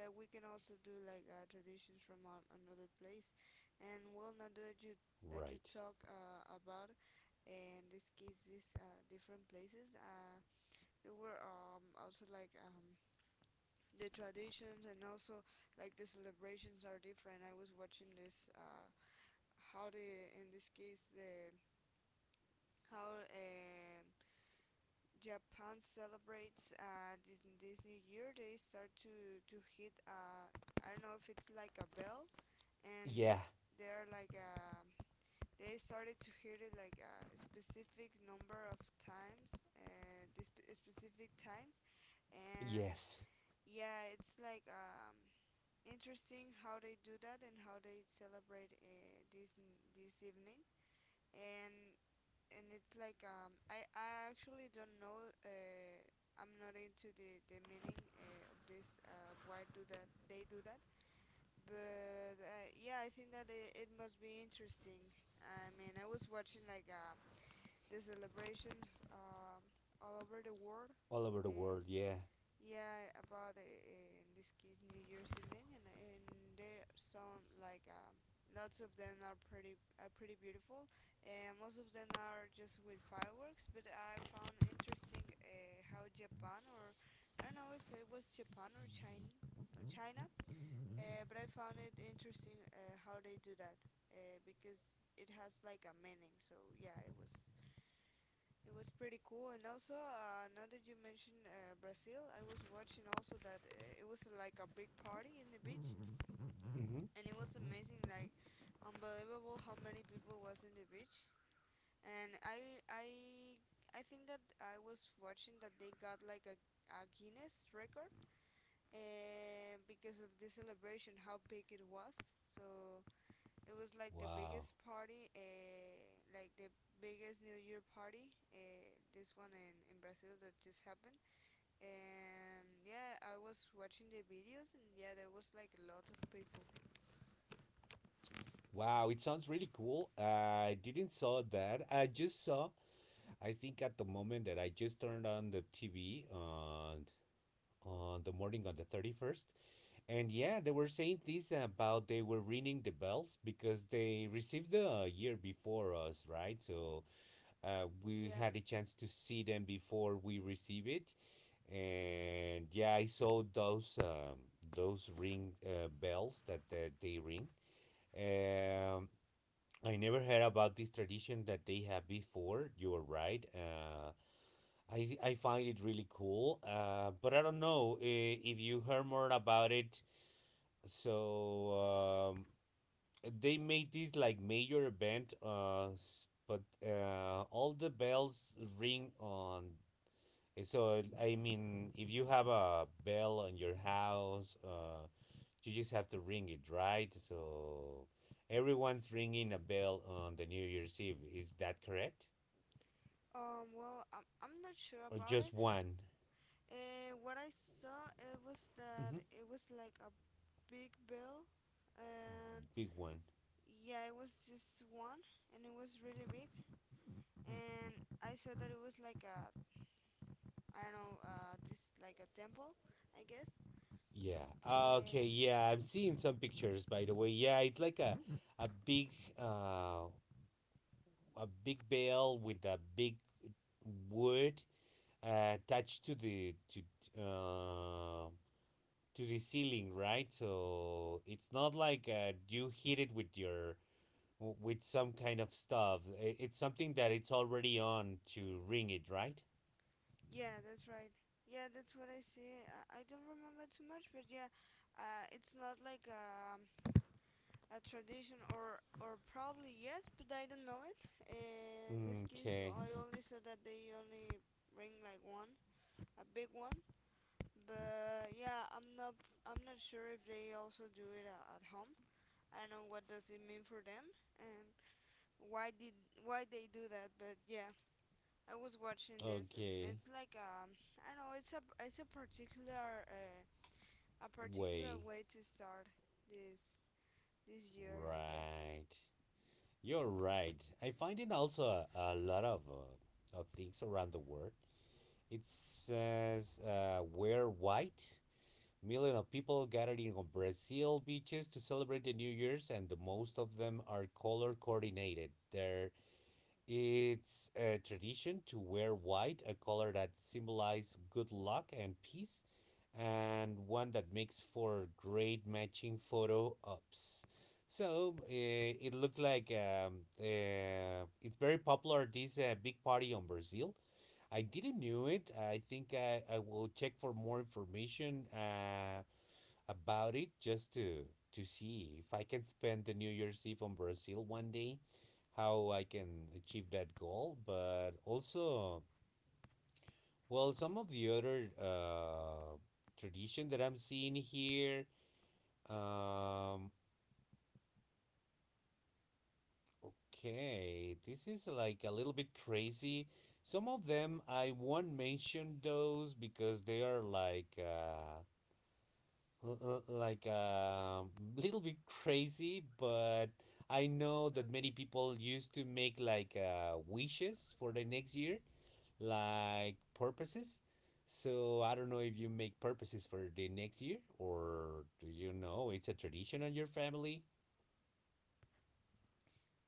[SPEAKER 1] that we can also do like, traditions from an another place. And, well, now that you
[SPEAKER 2] right.
[SPEAKER 1] talk, about, in this case, these, different places, there were, also like, the traditions, and also, like the celebrations, are different. I was watching this, how the in this case the how, Japan celebrates, this new year. They start to hit, I don't know if it's like a bell, and
[SPEAKER 2] Yeah,
[SPEAKER 1] they're like uh, they started to hit it like a specific number of times, this specific times, and
[SPEAKER 2] yes.
[SPEAKER 1] yeah, it's like, interesting how they do that, and how they celebrate, this evening. And and it's like, I actually don't know, I'm not into the meaning, of why do that they do that. But, yeah, I think that it must be interesting. I mean, I was watching like, the celebrations, all over the world.
[SPEAKER 2] All over the
[SPEAKER 1] uh,
[SPEAKER 2] world, yeah.
[SPEAKER 1] yeah, about, in this case, New Year's evening, and there are some like, lots of them are pretty beautiful, and most of them are just with fireworks. But I found interesting, how Japan, or I don't know if it was Japan or China, or China, but I found it interesting, how they do that, because it has like a meaning. So yeah, it was pretty cool. And also, now that you mentioned, Brazil, I was watching also that, it was, like a big party in the beach, and
[SPEAKER 2] Hmm.
[SPEAKER 1] it was amazing, like, unbelievable how many people was in the beach. And I think that I was watching that they got like a Guinness record, because of the celebration, how big it was. So it was like the
[SPEAKER 2] Wow.
[SPEAKER 1] biggest party, like the biggest New Year party, this one in, Brazil that just happened. And yeah, I was watching the videos, and yeah, there was like a lot of people.
[SPEAKER 2] Wow, it sounds really cool. I didn't saw that. I think at the moment that I just turned on the TV on the morning on the 31st. And yeah, they were saying this about they were ringing the bells because they received the year before us, right? So we
[SPEAKER 1] Yeah.
[SPEAKER 2] had a chance to see them before we receive it. And yeah, I saw those ring bells that, that they ring. Um, I never heard about this tradition that they have before. You are right. I find it really cool. But I don't know if you heard more about it. So um, they made this like major event. S- but All the bells ring on. So I mean, if you have a bell on your house, you just have to ring it, right? So everyone's ringing a bell on the New Year's Eve. Is that correct?
[SPEAKER 1] Well, I'm not sure
[SPEAKER 2] Or
[SPEAKER 1] about
[SPEAKER 2] just
[SPEAKER 1] it.
[SPEAKER 2] one?
[SPEAKER 1] What I saw, it was
[SPEAKER 2] Mm-hmm.
[SPEAKER 1] that it was like a big bill, and
[SPEAKER 2] Big one.
[SPEAKER 1] yeah, it was just one, and it was really big, and I saw that it was like a, I don't know, this, like a temple, I guess.
[SPEAKER 2] Yeah. Ah,
[SPEAKER 1] Uh,
[SPEAKER 2] okay. Yeah, I'm seeing some pictures. By the way, yeah, it's like a big uh a big bell with a big wood attached to the uh to the ceiling, right? So it's not like you hit it with your with some kind of stuff. It's something that it's already on to ring it, right?
[SPEAKER 1] yeah, that's right. Yeah, that's what I see. I don't remember too much, but yeah, it's not like, a tradition, or probably yes, but I don't know it. In this case,
[SPEAKER 2] Okay.
[SPEAKER 1] I only saw that they only bring like one, a big one. But yeah, I'm not sure if they also do it, at home. I don't know what does it mean for them, and why they do that, but yeah. I was watching this, and
[SPEAKER 2] Okay.
[SPEAKER 1] it's like, I don't know, it's a particular,
[SPEAKER 2] Way.
[SPEAKER 1] way to start this year, I guess.
[SPEAKER 2] Right. You're right. I find it also a lot of things around the world. It says wear white. Million of people gathered in Brazil beaches to celebrate the New Year's, and the most of them are color coordinated. Their It's a tradition to wear white, a color that symbolizes good luck and peace, and one that makes for great matching photo ops. So it looks like it's very popular. This big party on Brazil. I didn't knew it. I will check for more information about it just to see if I can spend the New Year's Eve on Brazil one day, how I can achieve that goal. But also, well, some of the other tradition that I'm seeing here. Um, okay, this is like a little bit crazy. Some of them I won't mention those because they are like. Like a little bit crazy, but I know that many
[SPEAKER 1] Okay.
[SPEAKER 2] people used to make like wishes for the next year, like purposes. So I don't know if you make purposes for the next year or do you know it's a tradition on your family?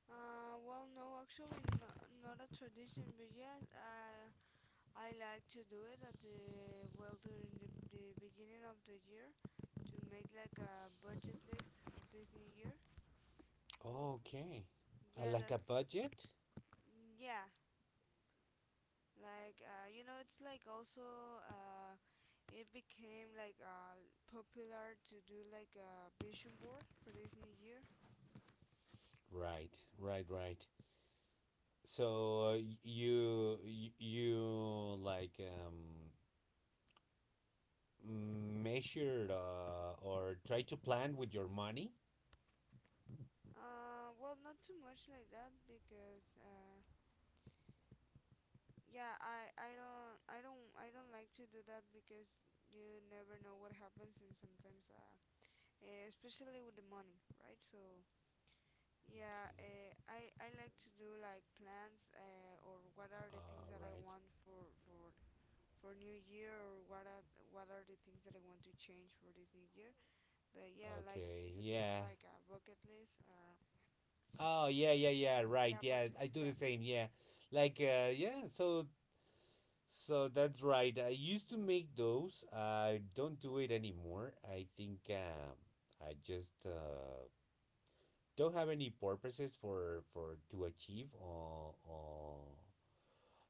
[SPEAKER 1] Well no, actually, no, not a tradition, but I like to do it at the well during the beginning of the year, to make like a budget list of this new year.
[SPEAKER 2] Okay.
[SPEAKER 1] Yeah
[SPEAKER 2] Like a
[SPEAKER 1] that's
[SPEAKER 2] budget?
[SPEAKER 1] yeah like you know it's like, also it became popular to do like a vision board for this new year.
[SPEAKER 2] Right, right, right. So you like measure or try to plan with your money.
[SPEAKER 1] Well, not too much like that, because yeah, I don't like to do that because you never know what happens, and especially with the money, right? So yeah,
[SPEAKER 2] Okay.
[SPEAKER 1] uh, I I like to do like plans, or what are the things
[SPEAKER 2] All
[SPEAKER 1] that I
[SPEAKER 2] right.
[SPEAKER 1] want for for New Year, or what are the things that I want to change for this New Year. But yeah, like
[SPEAKER 2] Okay.
[SPEAKER 1] Just more
[SPEAKER 2] Yeah.
[SPEAKER 1] like a bucket list.
[SPEAKER 2] Oh yeah, yeah, yeah, right,
[SPEAKER 1] Yeah,
[SPEAKER 2] yeah,
[SPEAKER 1] budget.
[SPEAKER 2] I do
[SPEAKER 1] Yeah.
[SPEAKER 2] the same, yeah, so that's right. I used to make those. I don't do it anymore. I think I just don't have any purposes for to achieve, or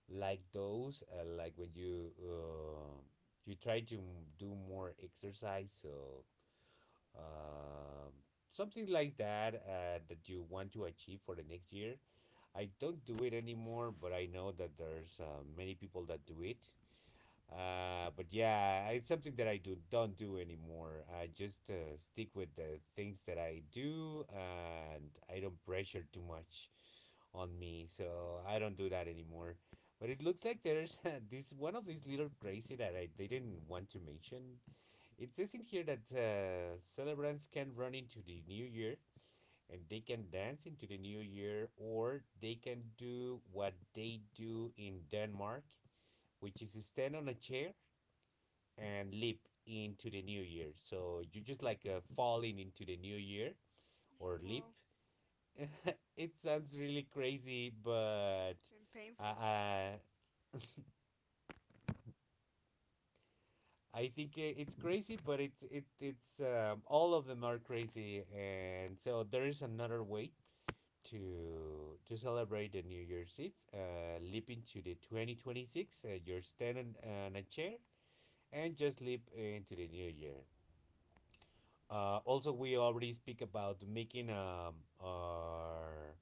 [SPEAKER 2] like those like when you you try to do more exercise, so um something like that that you want to achieve for the next year. I don't do it anymore, but I know that there's many people that do it. But yeah, it's something that I do don't do anymore. I just stick with the things that I do and I don't pressure too much on me, so I don't do that anymore. But it looks like there's this one of these little crazy that I didn't want to mention. It says in here that celebrants can run into the new year and they can dance into the new year, or they can do what they do in Denmark, which is stand on a chair and leap into the new year. So you just like falling into the new year or leap.
[SPEAKER 1] Well,
[SPEAKER 2] It sounds really crazy, but
[SPEAKER 1] and
[SPEAKER 2] uh,
[SPEAKER 1] painful.
[SPEAKER 2] uh, I think it's crazy, but it's it it's all of them are crazy, and so there is another way to celebrate the New Year's Eve. Leap into the 2026. You're standing on a chair and just leap into the new year. Also, we already speak about making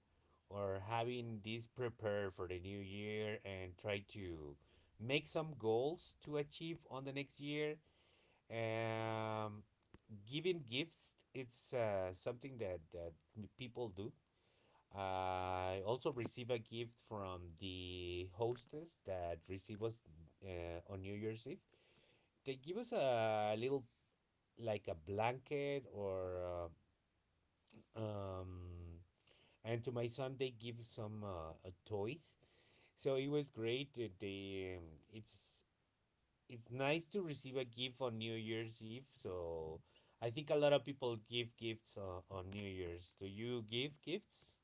[SPEAKER 2] or having this prepared for the new year and try to make some goals to achieve on the next year. Um, Giving gifts, it's something that people do. I also receive a gift from the hostess that receive us on New Year's Eve. They give us a little, like a blanket, or um and to my son they give some toys, so it was great. They it's it's nice to receive a gift on new year's eve, so I think a lot of people give gifts on new year's. Do you give gifts?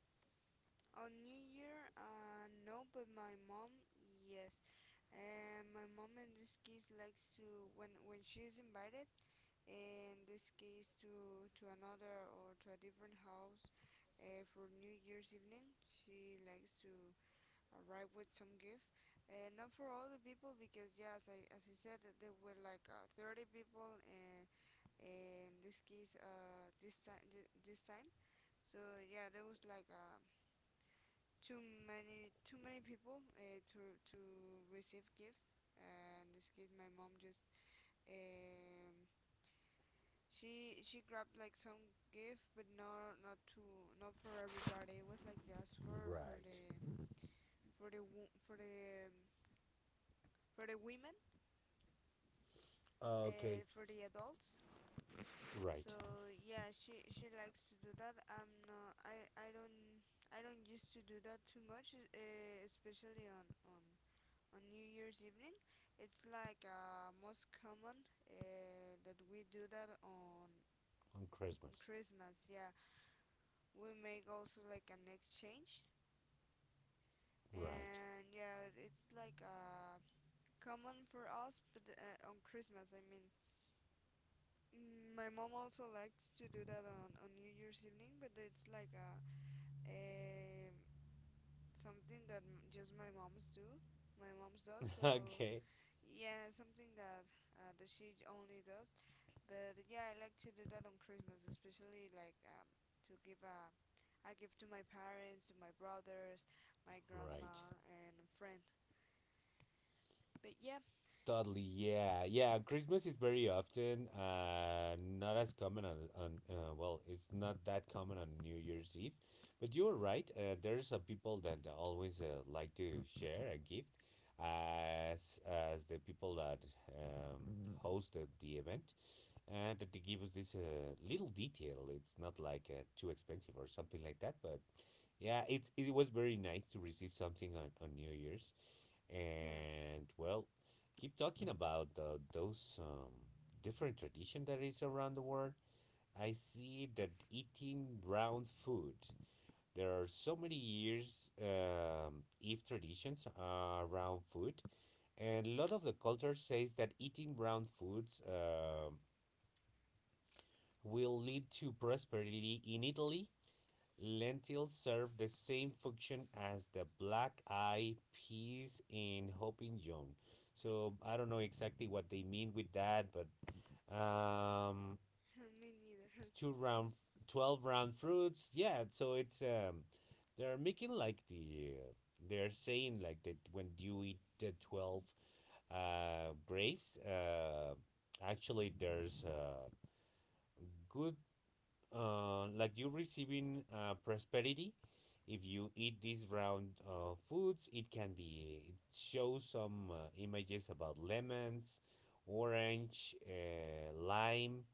[SPEAKER 1] On New Year, no, but my mom, yes. And my mom in this case likes to, when she's invited, in this case to another or to a different house, for New Year's evening, she likes to arrive with some gift, and not for all the people, because as I said, that there were 30 people, and in this case this time. So yeah, there was too many, too many people, to receive gift. And in this case, my mom just, um she grabbed like some gift, but no, not to, not for everybody, it was like just
[SPEAKER 2] Right.
[SPEAKER 1] for the wo- for the women,
[SPEAKER 2] Okay.
[SPEAKER 1] for the adults.
[SPEAKER 2] Right.
[SPEAKER 1] So yeah, she likes to do that. I'm not, I don't, I don't used to do that too much, especially on on New Year's evening. It's most common, that we do that
[SPEAKER 2] On
[SPEAKER 1] on
[SPEAKER 2] christmas.
[SPEAKER 1] Christmas. Yeah, we make also like an exchange,
[SPEAKER 2] Right.
[SPEAKER 1] and yeah, it's common for us, but on Christmas, I mean. Mm, my mom also likes to do that on New Year's evening, but it's like a something that just my mom's do. My mom's does, so
[SPEAKER 2] Okay.
[SPEAKER 1] yeah, something that that she only does. But yeah, I like to do that on Christmas, especially to give a, I give to my parents, to my brothers, my
[SPEAKER 2] Right.
[SPEAKER 1] grandma, and a friend. But yeah,
[SPEAKER 2] Totally, yeah, yeah. Christmas is very often not as common on, well, it's not that common on New Year's Eve, but you're right. There's a people that always like to share a gift, as the people that hosted the event, and that they give us this little detail. It's not like too expensive or something like that, but yeah, it was very nice to receive something on New Year's.
[SPEAKER 1] yeah,
[SPEAKER 2] And well, keep talking about those different tradition that is around the world, I see that eating round food. There are so many years if traditions around food, and a lot of the culture says that eating round foods will lead to prosperity in Italy. Lentils serve the same function as the black eye peas in Hopping John. So I don't know exactly what they mean with that, but um,
[SPEAKER 1] Me neither.
[SPEAKER 2] two round, 12 round fruits. Yeah, so it's they're making like they're saying like that when you eat the 12 grapes actually there's good like you receiving prosperity if you eat these round foods. It can be it shows some images about lemons, orange, lime,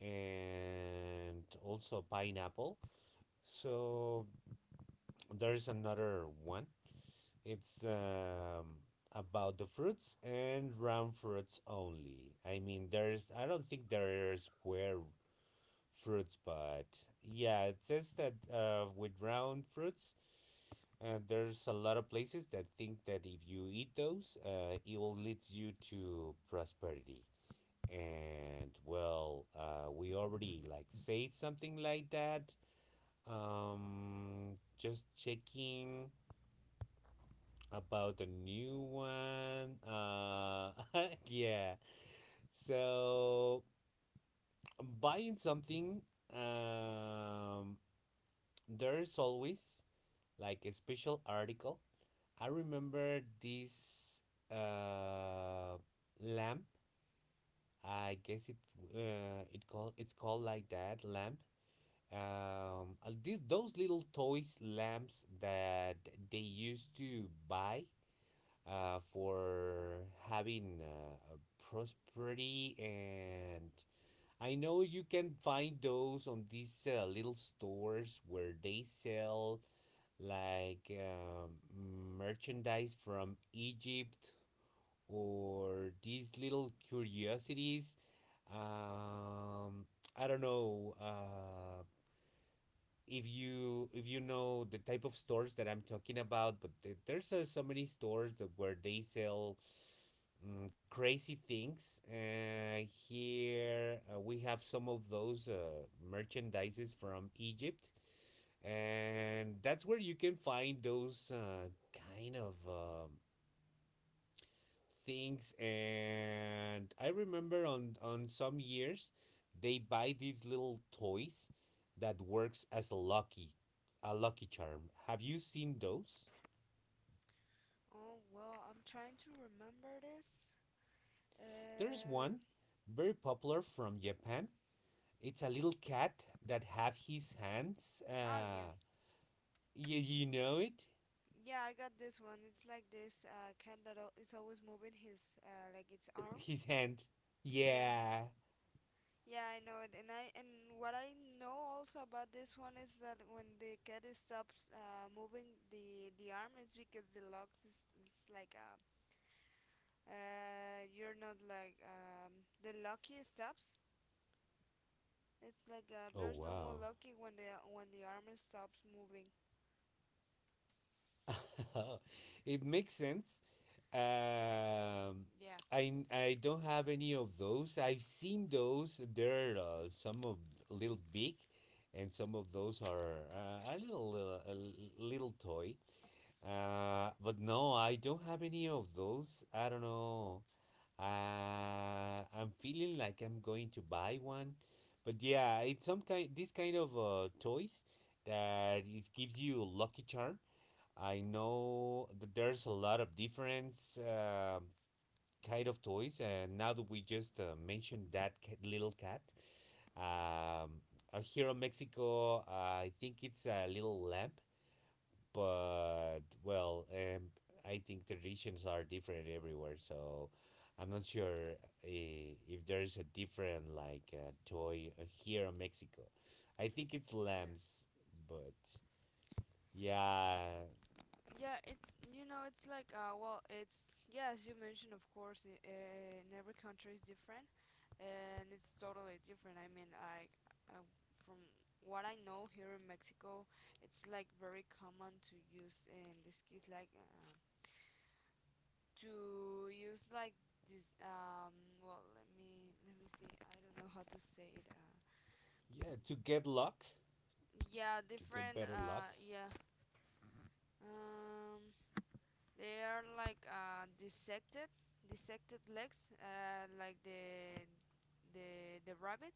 [SPEAKER 2] and also pineapple. So there's another one. It's about the fruits and round fruits only. I don't think there are square fruits, but yeah, it says that with round fruits, there's a lot of places that think that if you eat those, it will lead you to prosperity. And well, we already like say something like that. Just checking about the new one. Yeah. So buying something um there is always like a special article. I remember this uh, lamp. I guess it it's called like that lamp. These those little toys lamps that they used to buy for having a prosperity. And I know you can find those on these little stores where they sell like merchandise from Egypt or these little curiosities. Um, I don't know if you know the type of stores that I'm talking about, but there's so many stores that where they sell crazy things. Here we have some of those merchandises from Egypt, and that's where you can find those kind of things. And I remember on some years they buy these little toys that works as a lucky, a lucky charm. Have you seen those?
[SPEAKER 1] Oh well, I'm trying to remember this.
[SPEAKER 2] There's one
[SPEAKER 1] Uh,
[SPEAKER 2] very popular from Japan. It's a little cat that have his hands
[SPEAKER 1] oh yeah.
[SPEAKER 2] uh You, you know it.
[SPEAKER 1] Yeah, I got this one. It's like this cat that is always moving his like its arm.
[SPEAKER 2] His hand,
[SPEAKER 1] Yeah,
[SPEAKER 2] yeah.
[SPEAKER 1] yeah, I know it. And I, and what I know also about this one is that when the cat is stops moving the arm, it's because the lock is, it's like, you're not like, the lucky stops. It's
[SPEAKER 2] Oh,
[SPEAKER 1] there's no more
[SPEAKER 2] wow.
[SPEAKER 1] lucky when the arm stops moving.
[SPEAKER 2] It makes sense. Um,
[SPEAKER 1] Yeah,
[SPEAKER 2] I don't have any of those. I've seen those. There are some of a little big, and some of those are a little toy. But no, I don't have any of those. I don't know. I'm feeling like I'm going to buy one, but yeah, it's some kind. This kind of toys that it gives you lucky charm. I know that there's a lot of different kind of toys, and now that we just mentioned that little cat, um, here in Mexico, I think it's a little lamp, but well, I think traditions are different everywhere, so I'm not sure if there's a different like toy here in Mexico. I think it's
[SPEAKER 1] yeah.
[SPEAKER 2] lamps, but yeah,
[SPEAKER 1] Yeah, it's you know it's like well it's yeah as you mentioned, of course, in every country is different, and it's totally different. I mean, I uh, from what I know here in Mexico, it's like very common to use in this case to use like this , well, let me see, I don't know how to say it
[SPEAKER 2] yeah, to get luck,
[SPEAKER 1] yeah
[SPEAKER 2] to get
[SPEAKER 1] different
[SPEAKER 2] better luck.
[SPEAKER 1] yeah um They are like dissected legs, like the the rabbit.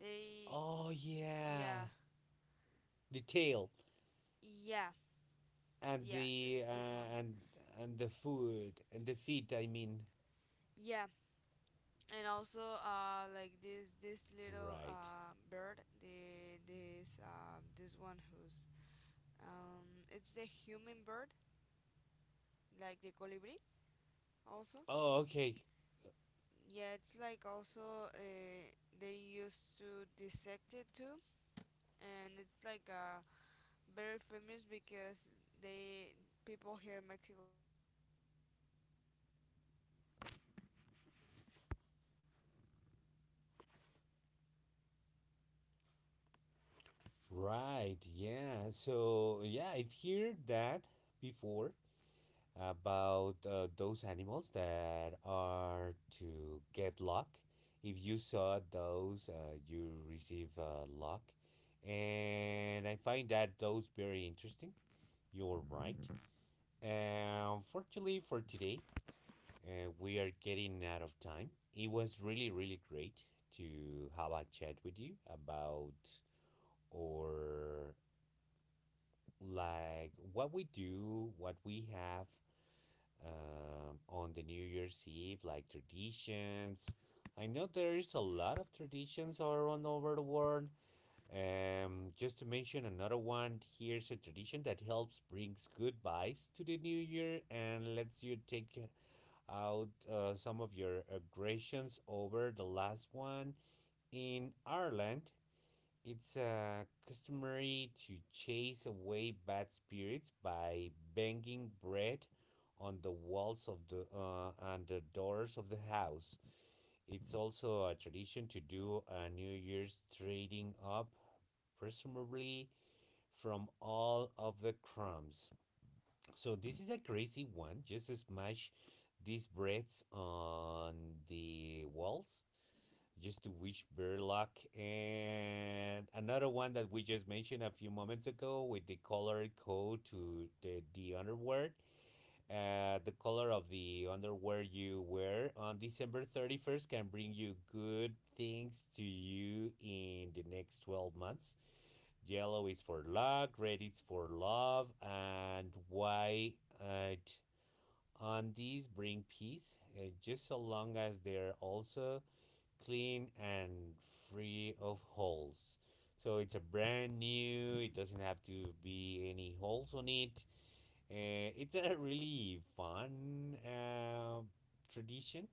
[SPEAKER 1] They
[SPEAKER 2] Oh yeah,
[SPEAKER 1] yeah
[SPEAKER 2] the tail
[SPEAKER 1] yeah
[SPEAKER 2] and
[SPEAKER 1] yeah th-
[SPEAKER 2] the
[SPEAKER 1] This one.
[SPEAKER 2] and the food and the feet. I mean,
[SPEAKER 1] yeah and also uh, like this little
[SPEAKER 2] right.
[SPEAKER 1] uh, bird, the, this uh, this one who's, it's the human bird, like the colibri also.
[SPEAKER 2] Oh, okay,
[SPEAKER 1] Yeah, it's like also, they used to dissect it too, and it's like a very famous, because they people here in Mexico think that those things are like so lucky, and they well from what I see this type of things they
[SPEAKER 2] right.
[SPEAKER 1] or
[SPEAKER 2] Yeah.
[SPEAKER 1] they
[SPEAKER 2] So yeah, I've heard that
[SPEAKER 1] used to
[SPEAKER 2] before
[SPEAKER 1] have
[SPEAKER 2] about
[SPEAKER 1] this as
[SPEAKER 2] those
[SPEAKER 1] a key,
[SPEAKER 2] animals
[SPEAKER 1] key
[SPEAKER 2] that
[SPEAKER 1] ring,
[SPEAKER 2] are
[SPEAKER 1] like a
[SPEAKER 2] to
[SPEAKER 1] llavero.
[SPEAKER 2] get luck. If you saw those,
[SPEAKER 1] They it's
[SPEAKER 2] you
[SPEAKER 1] it's very
[SPEAKER 2] receive
[SPEAKER 1] common to use
[SPEAKER 2] luck,
[SPEAKER 1] it at this way, like for the
[SPEAKER 2] and I
[SPEAKER 1] keys,
[SPEAKER 2] find that those
[SPEAKER 1] they
[SPEAKER 2] very
[SPEAKER 1] are always
[SPEAKER 2] interesting.
[SPEAKER 1] bringing like
[SPEAKER 2] You're
[SPEAKER 1] this
[SPEAKER 2] right.
[SPEAKER 1] this lucky, this lucky charm, that
[SPEAKER 2] Unfortunately
[SPEAKER 1] it's
[SPEAKER 2] for
[SPEAKER 1] called
[SPEAKER 2] today,
[SPEAKER 1] here for
[SPEAKER 2] we are
[SPEAKER 1] us.
[SPEAKER 2] getting out of time. It was really,
[SPEAKER 1] And
[SPEAKER 2] really great
[SPEAKER 1] yeah it's like
[SPEAKER 2] to have a chat with you about, or like what we do, what we have on the New Year's Eve, like traditions. I know there is a lot of traditions all around over the world. Just to mention another one, here's a tradition that helps brings good vibes to the new year and lets you take out some of your aggressions over the last one. In Ireland, it's customary to chase away bad spirits by banging bread on the walls of the doors of the house. It's also a tradition to do a New Year's trading up, presumably from all of the crumbs. So this is a crazy one. Just smash these breads on the walls. Just to wish better luck. And another one that we just mentioned a few moments ago with the color code to the underwear. The color of the underwear you wear on December 31st can bring you good things to you in the next 12 months. Yellow is for luck, red is for love, and white it on these bring peace, just so long as they're also clean and free of holes. So it's a brand new, it doesn't have to be any holes on it. It's a really fun tradition.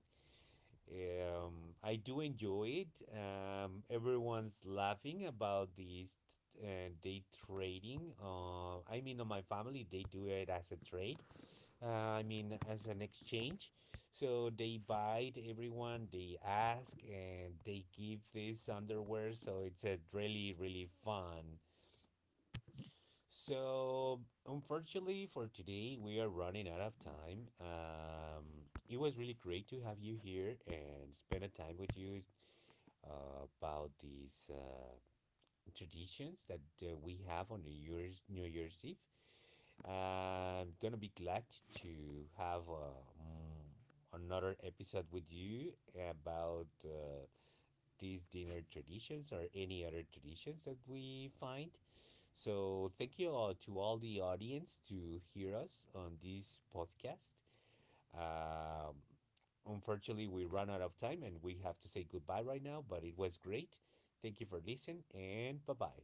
[SPEAKER 2] I do enjoy it. Everyone's laughing about these uh, day trading. On my family, they do it as a trade, I mean, as an exchange. So they buy it, everyone, they ask, and they give this underwear. So it's a really, really fun. So unfortunately for today, we are running out of time. It was really great to have you here and spend a time with you about these traditions that we have on New Year's Eve. I'm gonna be glad to have another episode with you about these dinner traditions or any other traditions that we find. So thank you all to all the audience to hear us on this podcast. Um, Unfortunately, we run out of time and we have to say goodbye right now. But it was great. Thank you for listening and bye bye.